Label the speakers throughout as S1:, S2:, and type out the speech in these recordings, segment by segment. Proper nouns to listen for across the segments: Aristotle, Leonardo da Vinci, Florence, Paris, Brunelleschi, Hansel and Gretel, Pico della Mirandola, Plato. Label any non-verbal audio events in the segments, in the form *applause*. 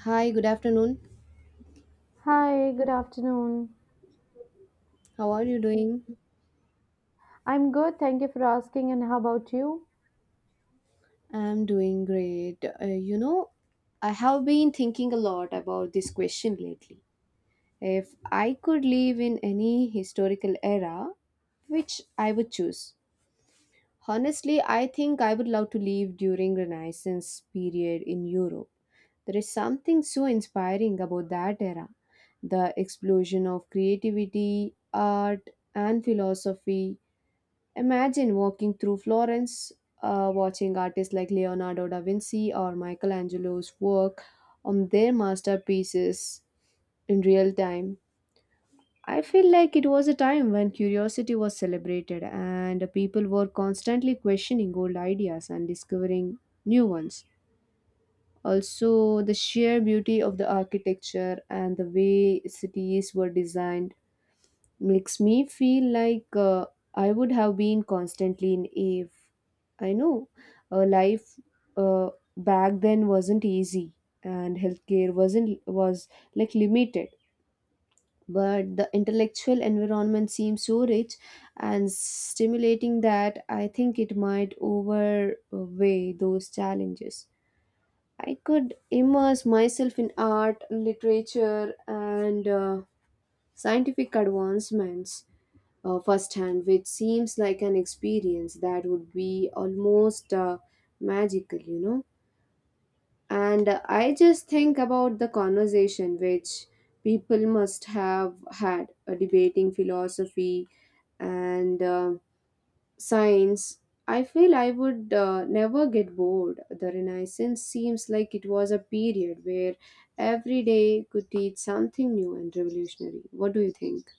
S1: Hi, good afternoon.
S2: Hi, good afternoon.
S1: How are you doing?
S2: I'm good, thank you for asking. And how about you?
S1: I'm doing great. I have been thinking a lot about this question lately. If I could live in any historical era, which I would choose? Honestly, I think I would love to live during Renaissance period in Europe. There is something so inspiring about that era. The explosion of creativity, art, and philosophy. Imagine walking through Florence, watching artists like Leonardo da Vinci or Michelangelo's work on their masterpieces in real time. I feel like it was a time when curiosity was celebrated and people were constantly questioning old ideas and discovering new ones. Also, the sheer beauty of the architecture and the way cities were designed makes me feel like I would have been constantly in Ave. I know, life uh, back then wasn't easy and healthcare wasn't was like limited, but the intellectual environment seems so rich and stimulating that I think it might overweigh those challenges. I could immerse myself in art, literature, and scientific advancements, firsthand, which seems like an experience that would be almost magical, And I just think about the conversation which people must have had, debating philosophy and science. I feel I would never get bored. The Renaissance seems like it was a period where every day could teach something new and revolutionary. What do you think?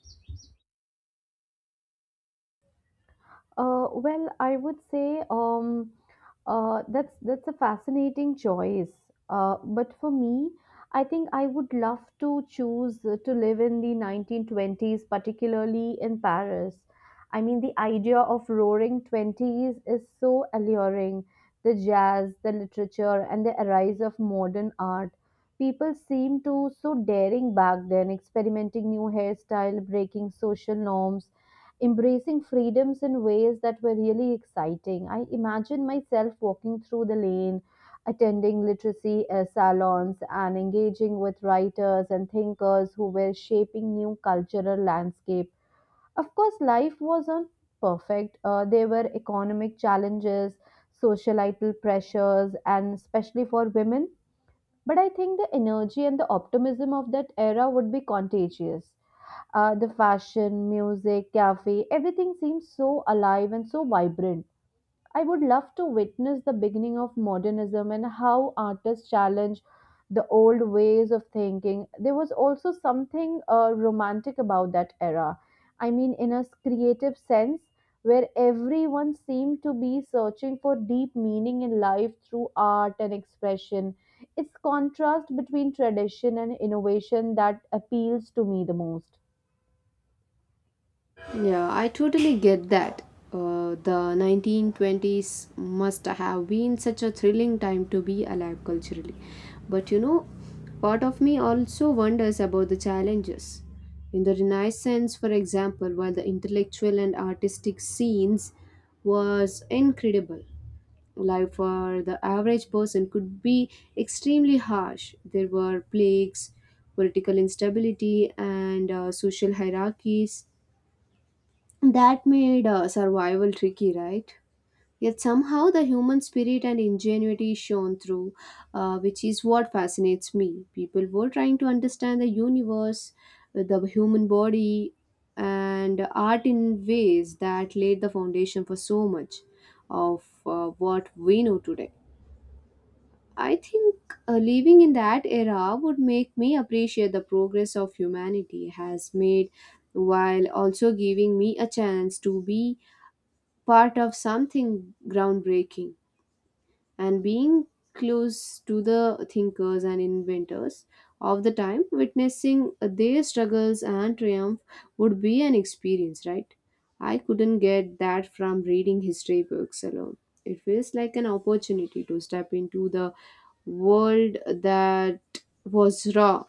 S2: Well, I would say that's a fascinating choice. But for me, I think I would love to choose to live in the 1920s, particularly in Paris. I mean, the idea of roaring 20s is so alluring. The jazz, the literature, and the rise of modern art. People seemed to so daring back then, experimenting new hairstyle, breaking social norms embracing freedoms in ways that were really exciting. I imagine myself walking through the lane, attending literacy salons, and engaging with writers and thinkers who were shaping new cultural landscape. Of course, life wasn't perfect. There were economic challenges, societal pressures, and especially for women. But I think the energy and the optimism of that era would be contagious. The fashion, music, cafe, everything seems so alive and so vibrant. I would love to witness the beginning of modernism and how artists challenge the old ways of thinking. There was also something romantic about that era. I mean, in a creative sense, where everyone seemed to be searching for deep meaning in life through art and expression. It's contrast between tradition and innovation that appeals to me the most.
S1: Yeah, I totally get that. The 1920s must have been such a thrilling time to be alive culturally. But part of me also wonders about the challenges. In the Renaissance, for example, while the intellectual and artistic scenes was incredible, life for the average person could be extremely harsh. There were plagues, political instability, and social hierarchies that made survival tricky, right? Yet somehow the human spirit and ingenuity is shown through, which is what fascinates me. People were trying to understand the universe, the human body, and art in ways that laid the foundation for so much of what we know today. I think living in that era would make me appreciate the progress of humanity has made, while also giving me a chance to be part of something groundbreaking, and being close to the thinkers and inventors of the time, witnessing their struggles and triumph would be an experience, right? I couldn't get that from reading history books alone. It feels like an opportunity to step into the world that was raw,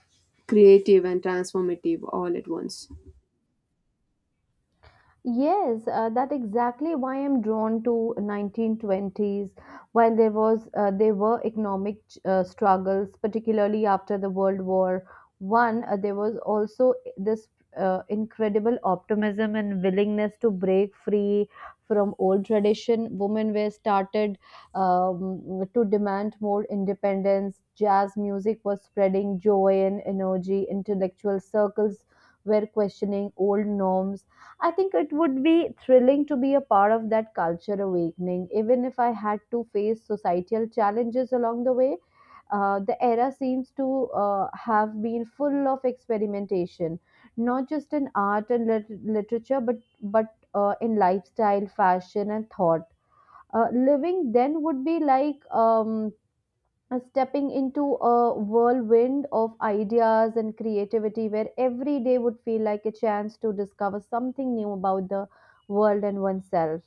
S1: creative, and transformative all at once.
S2: Yes, that exactly why I'm drawn to 1920s. While there was There were economic struggles, particularly after the World War I, there was also this incredible optimism and willingness to break free from old tradition. Women were started to demand more independence. Jazz music was spreading joy and energy. Intellectual circles were questioning old norms. I think it would be thrilling to be a part of that culture awakening, even if I had to face societal challenges along the way. The era seems to have been full of experimentation, not just in art and literature, but in lifestyle, fashion, and thought. Living then would be like stepping into a whirlwind of ideas and creativity where every day would feel like a chance to discover something new about the world and oneself,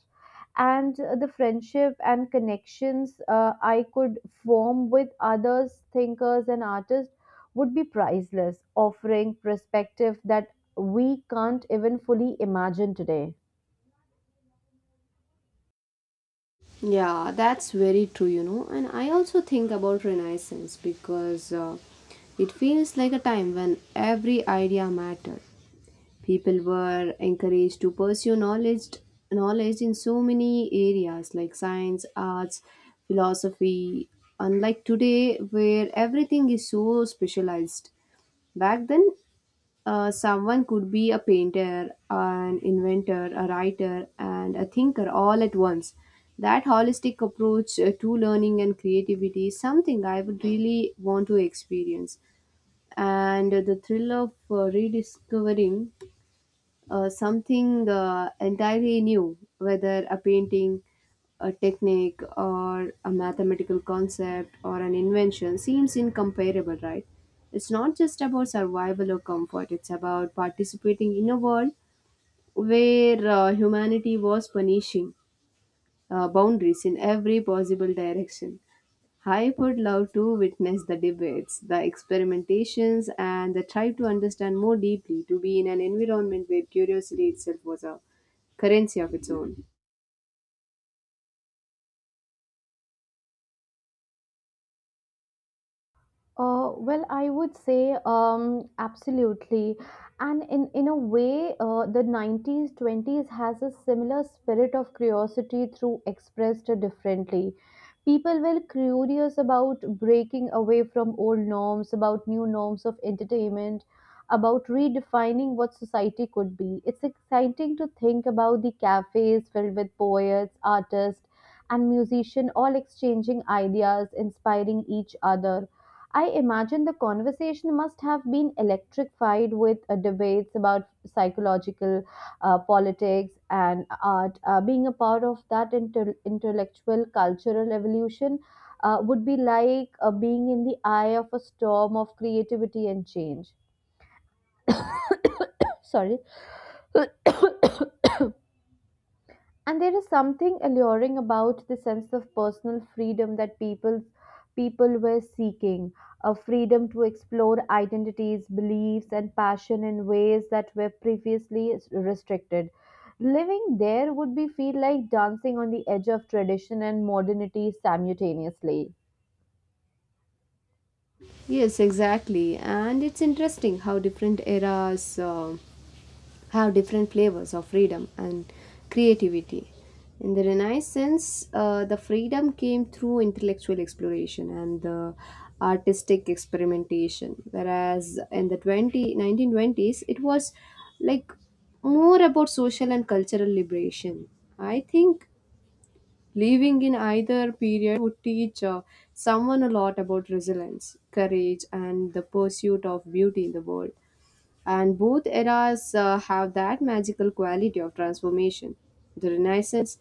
S2: and the friendship and connections I could form with others thinkers and artists would be priceless, offering perspective that we can't even fully imagine today.
S1: Yeah, that's very true. And I also think about Renaissance because it feels like a time when every idea mattered. People were encouraged to pursue knowledge in so many areas like science, arts, philosophy. Unlike today, where everything is so specialized. Back then, someone could be a painter, an inventor, a writer, and a thinker all at once. That holistic approach to learning and creativity is something I would really want to experience. And the thrill of rediscovering something entirely new, whether a painting, a technique, or a mathematical concept or an invention, seems incomparable, right? It's not just about survival or comfort, it's about participating in a world where humanity was punishing boundaries in every possible direction. I would love to witness the debates, the experimentations, and the try to understand more deeply, to be in an environment where curiosity itself was a currency of its own.
S2: Well, I would say absolutely. And in a way, the 90s, 20s has a similar spirit of curiosity through expressed differently. People were curious about breaking away from old norms, about new norms of entertainment, about redefining what society could be. It's exciting to think about the cafes filled with poets, artists, and musicians all exchanging ideas, inspiring each other. I imagine the conversation must have been electrified with debates about psychological politics and art. Being a part of that intellectual cultural evolution would be like being in the eye of a storm of creativity and change. *coughs* Sorry. *coughs* And there is something alluring about the sense of personal freedom that people were seeking, a freedom to explore identities beliefs and passion in ways that were previously restricted. Living there would be feel like dancing on the edge of tradition and modernity simultaneously.
S1: Yes, exactly. And it's interesting how different eras have different flavors of freedom and creativity. In the Renaissance, the freedom came through intellectual exploration and the artistic experimentation, whereas in the twenty nineteen twenties, it was like more about social and cultural liberation. I think living in either period would teach someone a lot about resilience, courage, and the pursuit of beauty in the world. And both eras have that magical quality of transformation. The Renaissance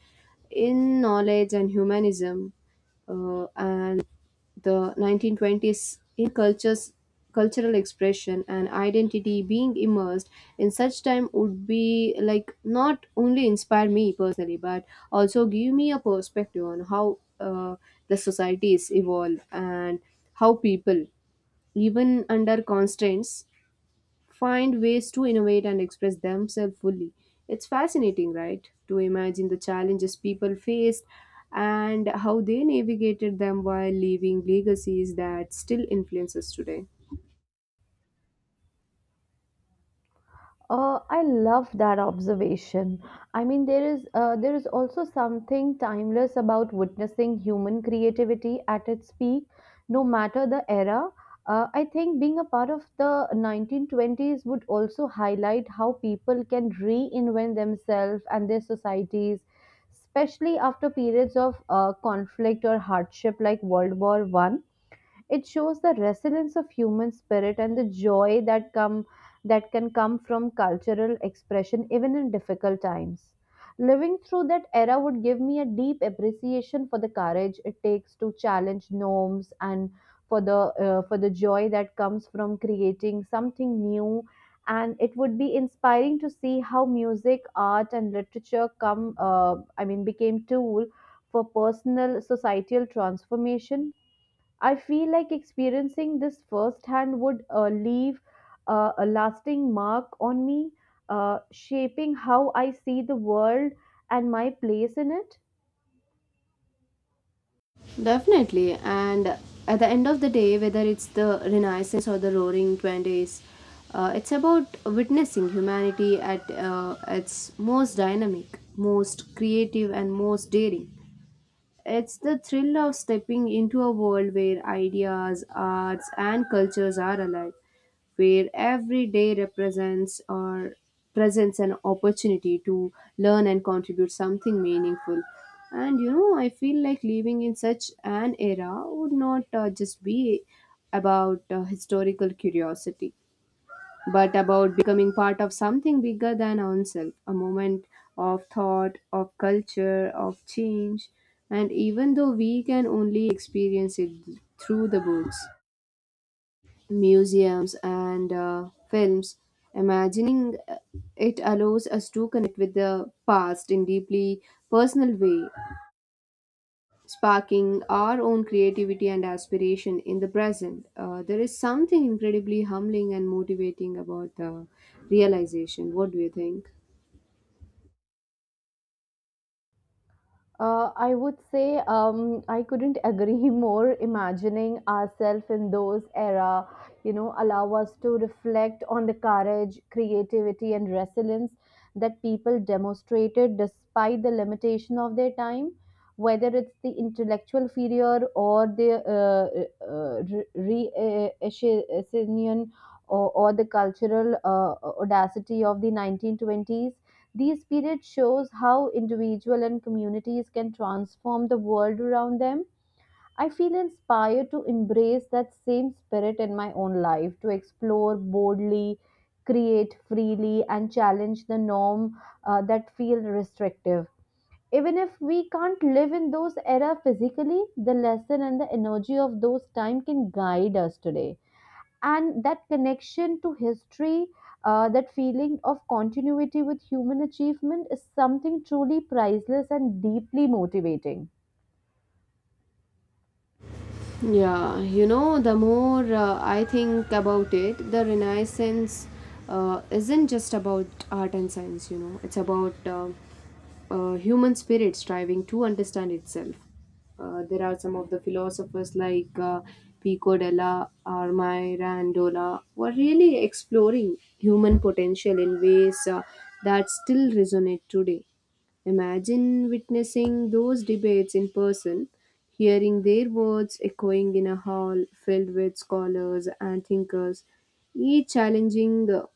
S1: in knowledge and humanism, and the 1920s in cultures, cultural expression, and identity, being immersed in such time would be like not only inspire me personally, but also give me a perspective on how the societies evolve and how people, even under constraints, find ways to innovate and express themselves fully. It's fascinating, right, to imagine the challenges people faced and how they navigated them while leaving legacies that still influence us today.
S2: I love that observation. I mean, there is also something timeless about witnessing human creativity at its peak, no matter the era. I think being a part of the 1920s would also highlight how people can reinvent themselves and their societies, especially after periods of conflict or hardship like World War I. It shows the resilience of human spirit and the joy that can come from cultural expression even in difficult times. Living through that era would give me a deep appreciation for the courage it takes to challenge norms and for the for the joy that comes from creating something new, and it would be inspiring to see how music art and literature come I mean became tool for personal societal transformation. I feel like experiencing this firsthand would leave a lasting mark on me, shaping how I see the world and my place in it.
S1: Definitely, and at the end of the day, whether it's the Renaissance or the Roaring Twenties, it's about witnessing humanity at its most dynamic, most creative, and most daring. It's the thrill of stepping into a world where ideas, arts, and cultures are alive, where every day represents or presents an opportunity to learn and contribute something meaningful. And I feel like living in such an era would not just be about historical curiosity, but about becoming part of something bigger than oneself, a moment of thought, of culture, of change. And even though we can only experience it through the books, museums, and films, imagining it allows us to connect with the past in deeply personal way, sparking our own creativity and aspiration in the present. There is something incredibly humbling and motivating about the realization. What do you think?
S2: I would say I couldn't agree *laughs* more. Imagining ourselves in those era, you know, allow us to reflect on the courage, creativity, and resilience that people demonstrated despite the limitation of their time. Whether it's the intellectual failure or the uh, reaction or the cultural audacity of the 1920s, these periods shows how individual and communities can transform the world around them. I feel inspired to embrace that same spirit in my own life, to explore boldly, create freely, and challenge the norm that feel restrictive. Even if we can't live in those era physically, the lesson and the energy of those time can guide us today, and that connection to history, that feeling of continuity with human achievement is something truly priceless and deeply motivating.
S1: Yeah, the more I think about it, the Renaissance isn't just about art and science, it's about human spirit striving to understand itself. There are some of the philosophers like Pico della Mirandola were really exploring human potential in ways that still resonate today. Imagine witnessing those debates in person, hearing their words echoing in a hall filled with scholars and thinkers, each challenging the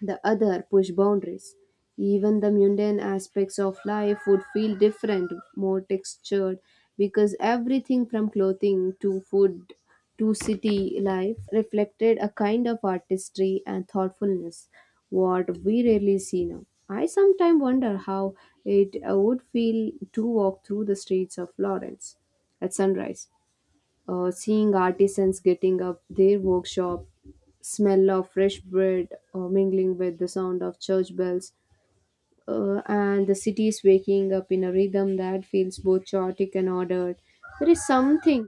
S1: the other push boundaries. Even the mundane aspects of life would feel different, more textured, because everything from clothing to food to city life reflected a kind of artistry and thoughtfulness, what we rarely see now. I sometimes wonder how it would feel to walk through the streets of Florence at sunrise, seeing artisans getting up their workshop, smell of fresh bread mingling with the sound of church bells, and the city is waking up in a rhythm that feels both chaotic and ordered. There is something,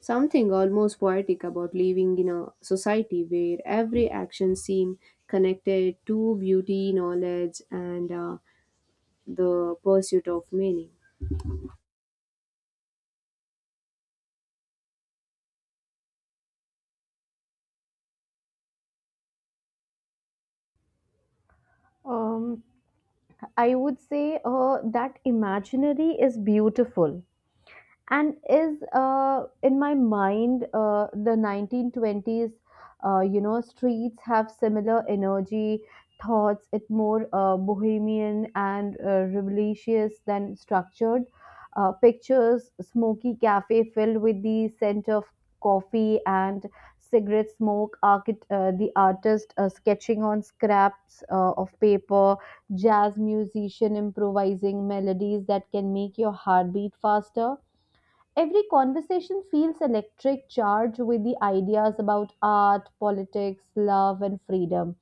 S1: something almost poetic about living in a society where every action seems connected to beauty, knowledge, and the pursuit of meaning.
S2: um, I would say that imaginary is beautiful, and is in my mind the 1920s you know streets have similar energy thoughts, it more bohemian and rebellious than structured. Pictures smoky cafe filled with the scent of coffee and cigarette smoke, the artist sketching on scraps of paper, jazz musician improvising melodies that can make your heart beat faster. Every conversation feels electric, charged with the ideas about art, politics, love, and freedom.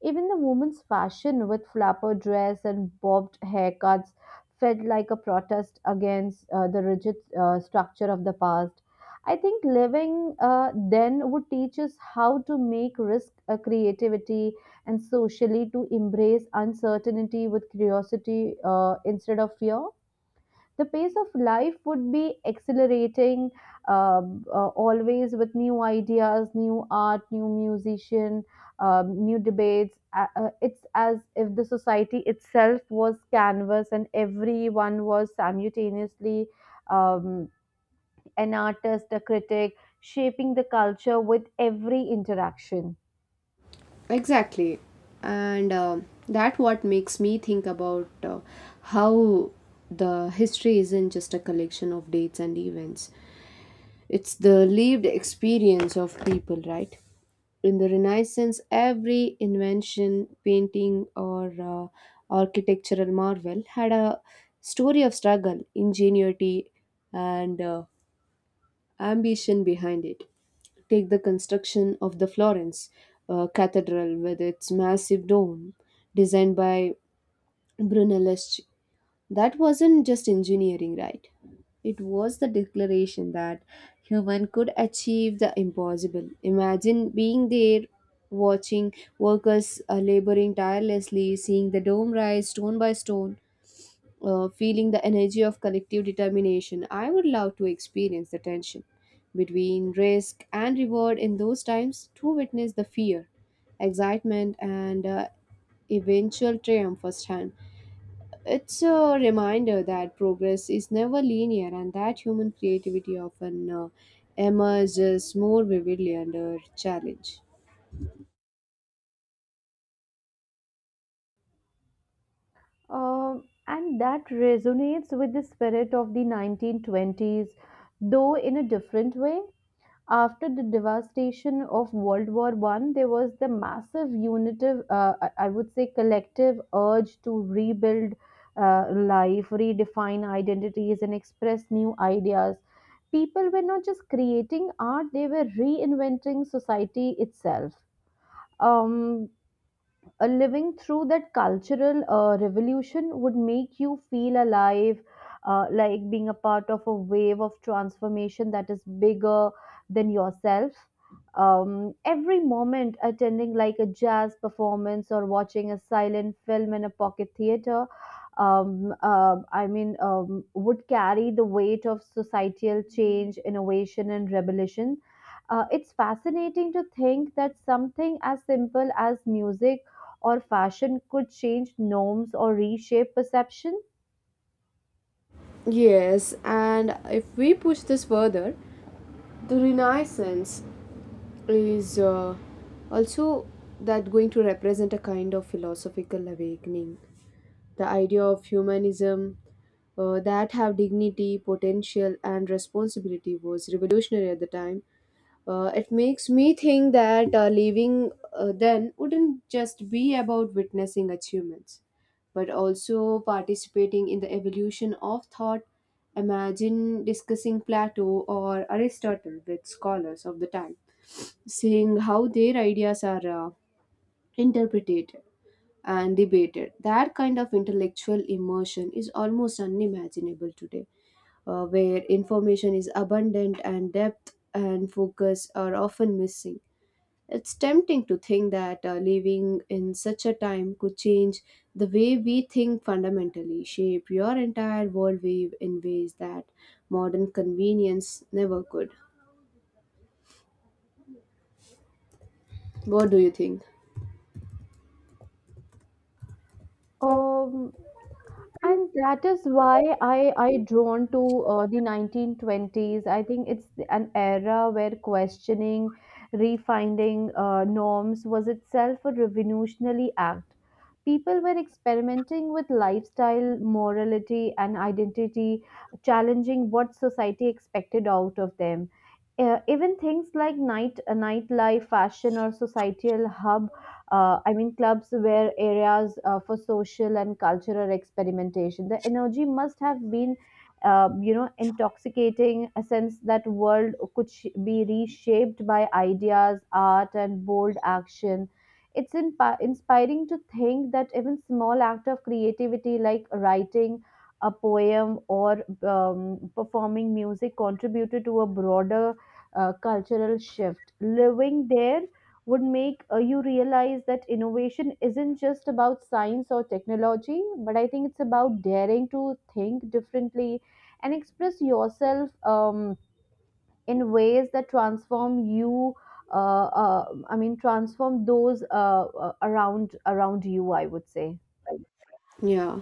S2: Even the woman's fashion with flapper dress and bobbed haircuts felt like a protest against the rigid structure of the past. I think living then would teach us how to make risk, creativity, and socially to embrace uncertainty with curiosity instead of fear. The pace of life would be accelerating, always with new ideas new art new musician, new debates. It's as if the society itself was canvas and everyone was simultaneously um, an artist a critic, shaping the culture with every interaction.
S1: Exactly. And that what makes me think about how the history isn't just a collection of dates and events. It's the lived experience of people, right? In the Renaissance, every invention, painting, or architectural marvel had a story of struggle, ingenuity, and ambition behind it. Take the construction of the Florence Cathedral with its massive dome designed by Brunelleschi. That wasn't just engineering, right? It was the declaration that human could achieve the impossible. Imagine being there, watching workers laboring tirelessly, seeing the dome rise stone by stone, feeling the energy of collective determination. I would love to experience the tension between risk and reward in those times, to witness the fear, excitement, and eventual triumph firsthand. It's a reminder that progress is never linear and that human creativity often emerges more vividly under challenge.
S2: And that resonates with the spirit of the 1920s though in a different way. After the devastation of World War I, there was the massive unitive, I would say, collective urge to rebuild uh, life, redefine identities, and express new ideas. People were not just creating art; they were reinventing society itself. Um, Living through that cultural revolution would make you feel alive, like being a part of a wave of transformation that is bigger than yourself. Every moment attending like a jazz performance or watching a silent film in a pocket theater, would carry the weight of societal change, innovation, and revolution. It's fascinating to think that something as simple as music or fashion could change norms or reshape perception?
S1: Yes, and if we push this further, the Renaissance is also that going to represent a kind of philosophical awakening. The idea of humanism that have dignity, potential, and responsibility was revolutionary at the time. It makes me think that living then wouldn't just be about witnessing achievements, but also participating in the evolution of thought. Imagine discussing Plato or Aristotle with scholars of the time, seeing how their ideas are interpreted and debated. That kind of intellectual immersion is almost unimaginable today, where information is abundant and depth and focus are often missing. It's tempting to think that living in such a time could change the way we think fundamentally, shape your entire worldview in ways that modern convenience never could. What do you think?
S2: Um, And that is why I drawn to the 1920s. I think it's an era where questioning, refining norms was itself a revolutionary act. People were experimenting with lifestyle, morality, and identity, challenging what society expected out of them. Even things like nightlife, fashion, or societal hub, clubs were areas for social and cultural experimentation. The energy must have been, you know, intoxicating, a sense that world could be reshaped by ideas, art, and bold action. It's inspiring to think that even small act of creativity, like writing a poem or performing music, contributed to a broader cultural shift. Living there would make you realize that innovation isn't just about science or technology, but I think it's about daring to think differently and express yourself in ways that transform you. Uh, uh, transform those around you. I would say.
S1: Yeah.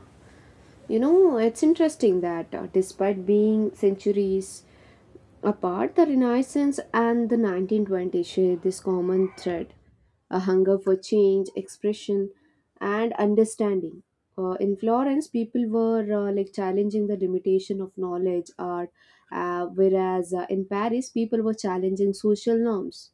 S1: It's interesting that despite being centuries apart, the Renaissance and the 1920s share this common thread, a hunger for change, expression, and understanding. In Florence, people were like challenging the limitation of knowledge, art, whereas in Paris, people were challenging social norms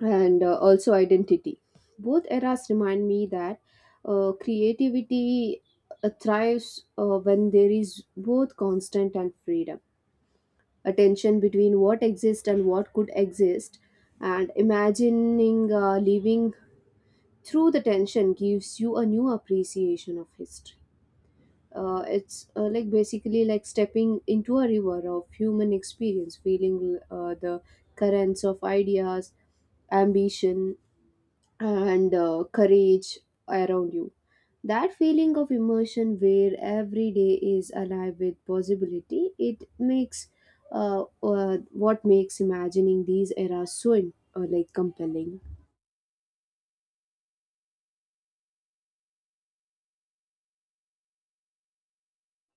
S1: and also identity. Both eras remind me that creativity thrives when there is both constant and freedom. A tension between what exists and what could exist, and imagining living through the tension gives you a new appreciation of history. It's like basically like stepping into a river of human experience, feeling the currents of ideas, ambition, and courage around you. That feeling of immersion, where every day is alive with possibility, it makes what makes imagining these eras so like compelling.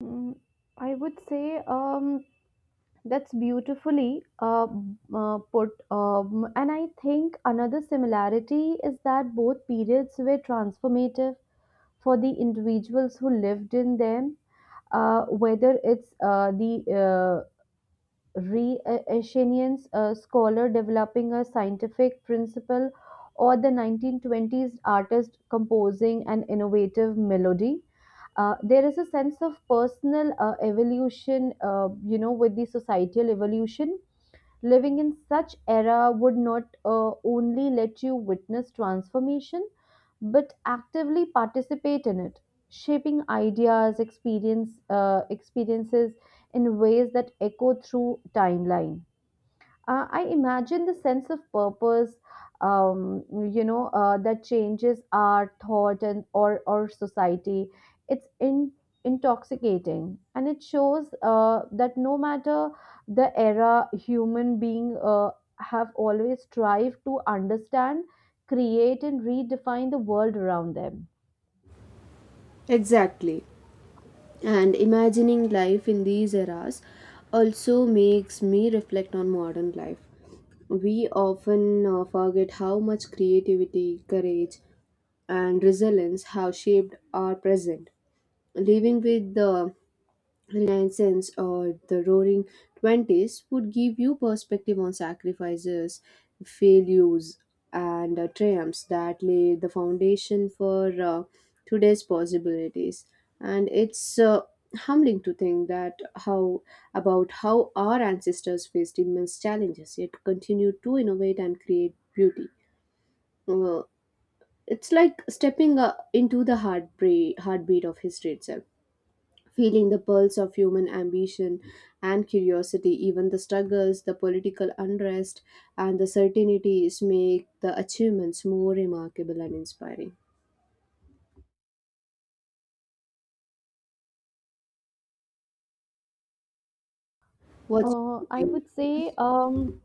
S2: Mm, I would say. That's beautifully put. And I think another similarity is that both periods were transformative for the individuals who lived in them, whether it's the Renaissance scholar developing a scientific principle, or the 1920s artist composing an innovative melody. There is a sense of personal evolution, you know, with the societal evolution. Living in such era would not only let you witness transformation, but actively participate in it, shaping ideas, experiences in ways that echo through timeline. I imagine the sense of purpose, um, you know, that changes our thought and or society. It's intoxicating, and it shows that no matter the era, human being have always strived to understand, create, and redefine the world around them.
S1: Exactly. And imagining life in these eras also makes me reflect on modern life. We often forget how much creativity, courage, and resilience have shaped our present. Living with the Reliance cents or the roaring 20s would give you perspective on sacrifices, failures, and triumphs that lay the foundation for today's possibilities. And it's humbling to think that how about how our ancestors faced immense challenges yet continued to innovate and create beauty. Uh, it's like stepping into the heartbeat of history itself, feeling the pulse of human ambition and curiosity. Even the struggles, the political unrest, and the certainties make the achievements more remarkable and inspiring. What's no,
S2: Uh,
S1: your
S2: I
S1: opinion?
S2: would say. Um,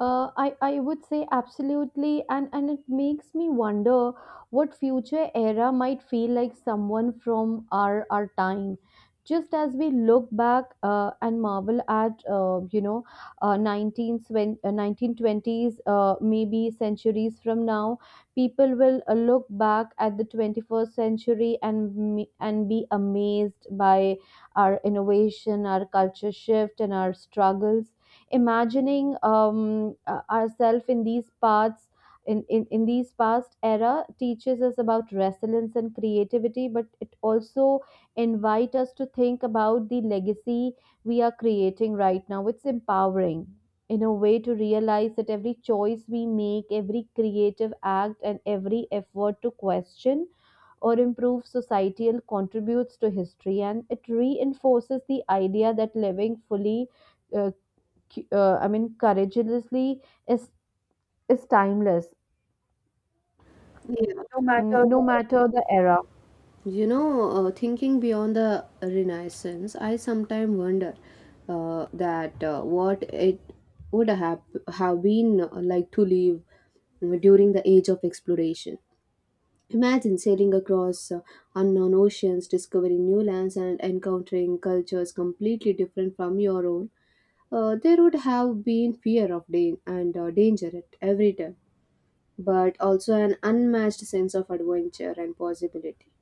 S2: I would say absolutely, and it makes me wonder what future era might feel like someone from our time. Just as we look back and marvel at, you know, 1920s, maybe centuries from now, people will look back at the 21st century and, and be amazed by our innovation, our culture shift, and our struggles. Imagining ourselves in these paths, in these past era teaches us about resilience and creativity, but it also invite us to think about the legacy we are creating right now. It's empowering in a way to realize that every choice we make, every creative act and every effort to question or improve societal contributes to history, and it reinforces the idea that living fully, uh, courageously, is is timeless,
S1: Yeah, no
S2: mm,
S1: matter
S2: no
S1: the-.
S2: matter the era.
S1: Thinking beyond the Renaissance, I sometimes wonder that what it would have been like to live during the age of exploration. Imagine sailing across unknown oceans, discovering new lands, and encountering cultures completely different from your own. There would have been fear of dan- and danger at every turn, but also an unmatched sense of adventure and possibility.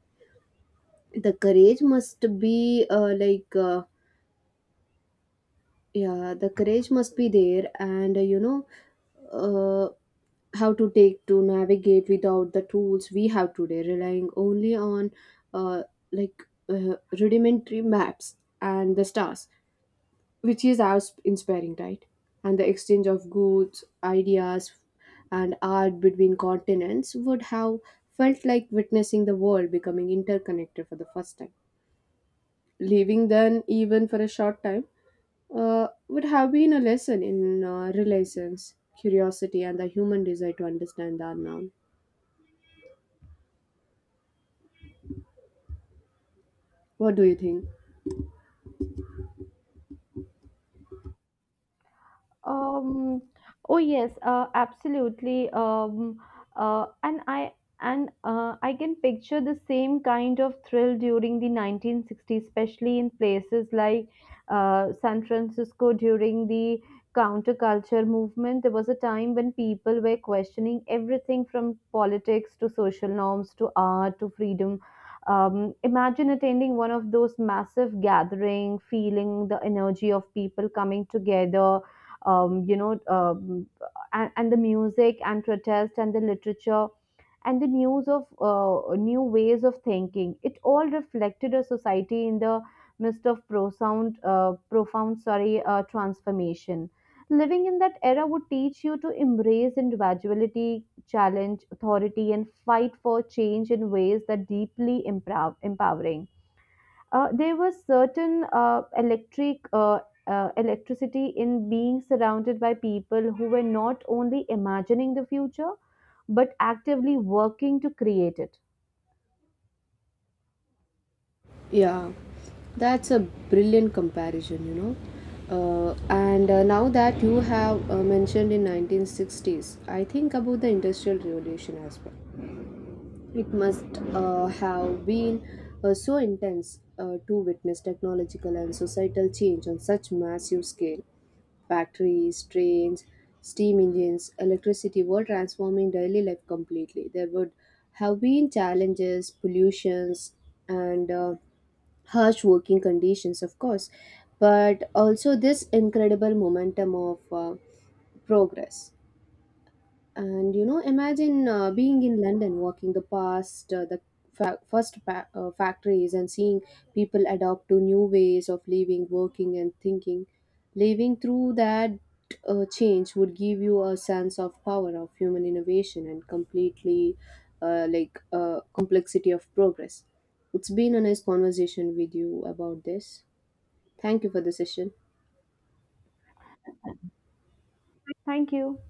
S1: The courage must be the courage must be there, and uh, how to take to navigate without the tools we have today, relying only on uh, rudimentary maps and the stars, which is as inspiring, right? And the exchange of goods, ideas, and art between continents would have felt like witnessing the world becoming interconnected for the first time. Leaving then even for a short time, would have been a lesson in relations, curiosity, and the human desire to understand the unknown. What do you think?
S2: Um, oh yes, absolutely. Uh, and I and I can picture the same kind of thrill during the 1960s, especially in places like San Francisco during the counterculture movement. There was a time when people were questioning everything from politics to social norms to art to freedom. Imagine attending one of those massive gathering, feeling the energy of people coming together, um, you know, um, and the music and protest and the literature and the news of new ways of thinking. It all reflected a society in the midst of profound, transformation. Living in that era would teach you to embrace individuality, challenge authority, and fight for change in ways that deeply empowering. There was certain electricity in being surrounded by people who were not only imagining the future but actively working to create it.
S1: Yeah, that's a brilliant comparison. And now that you have mentioned in 1960s, I think about the Industrial Revolution as well. It must have been so intense to witness technological and societal change on such massive scale. Factories, trains, steam engines, electricity were transforming daily life completely. There would have been challenges, pollutions, and harsh working conditions, of course, but also this incredible momentum of progress. And imagine being in London, walking the past the first factories and seeing people adopt to new ways of living, working, and thinking. Living through that change would give you a sense of power of human innovation and completely complexity of progress. It's been a nice conversation with you about this. Thank you for the session.
S2: Thank you.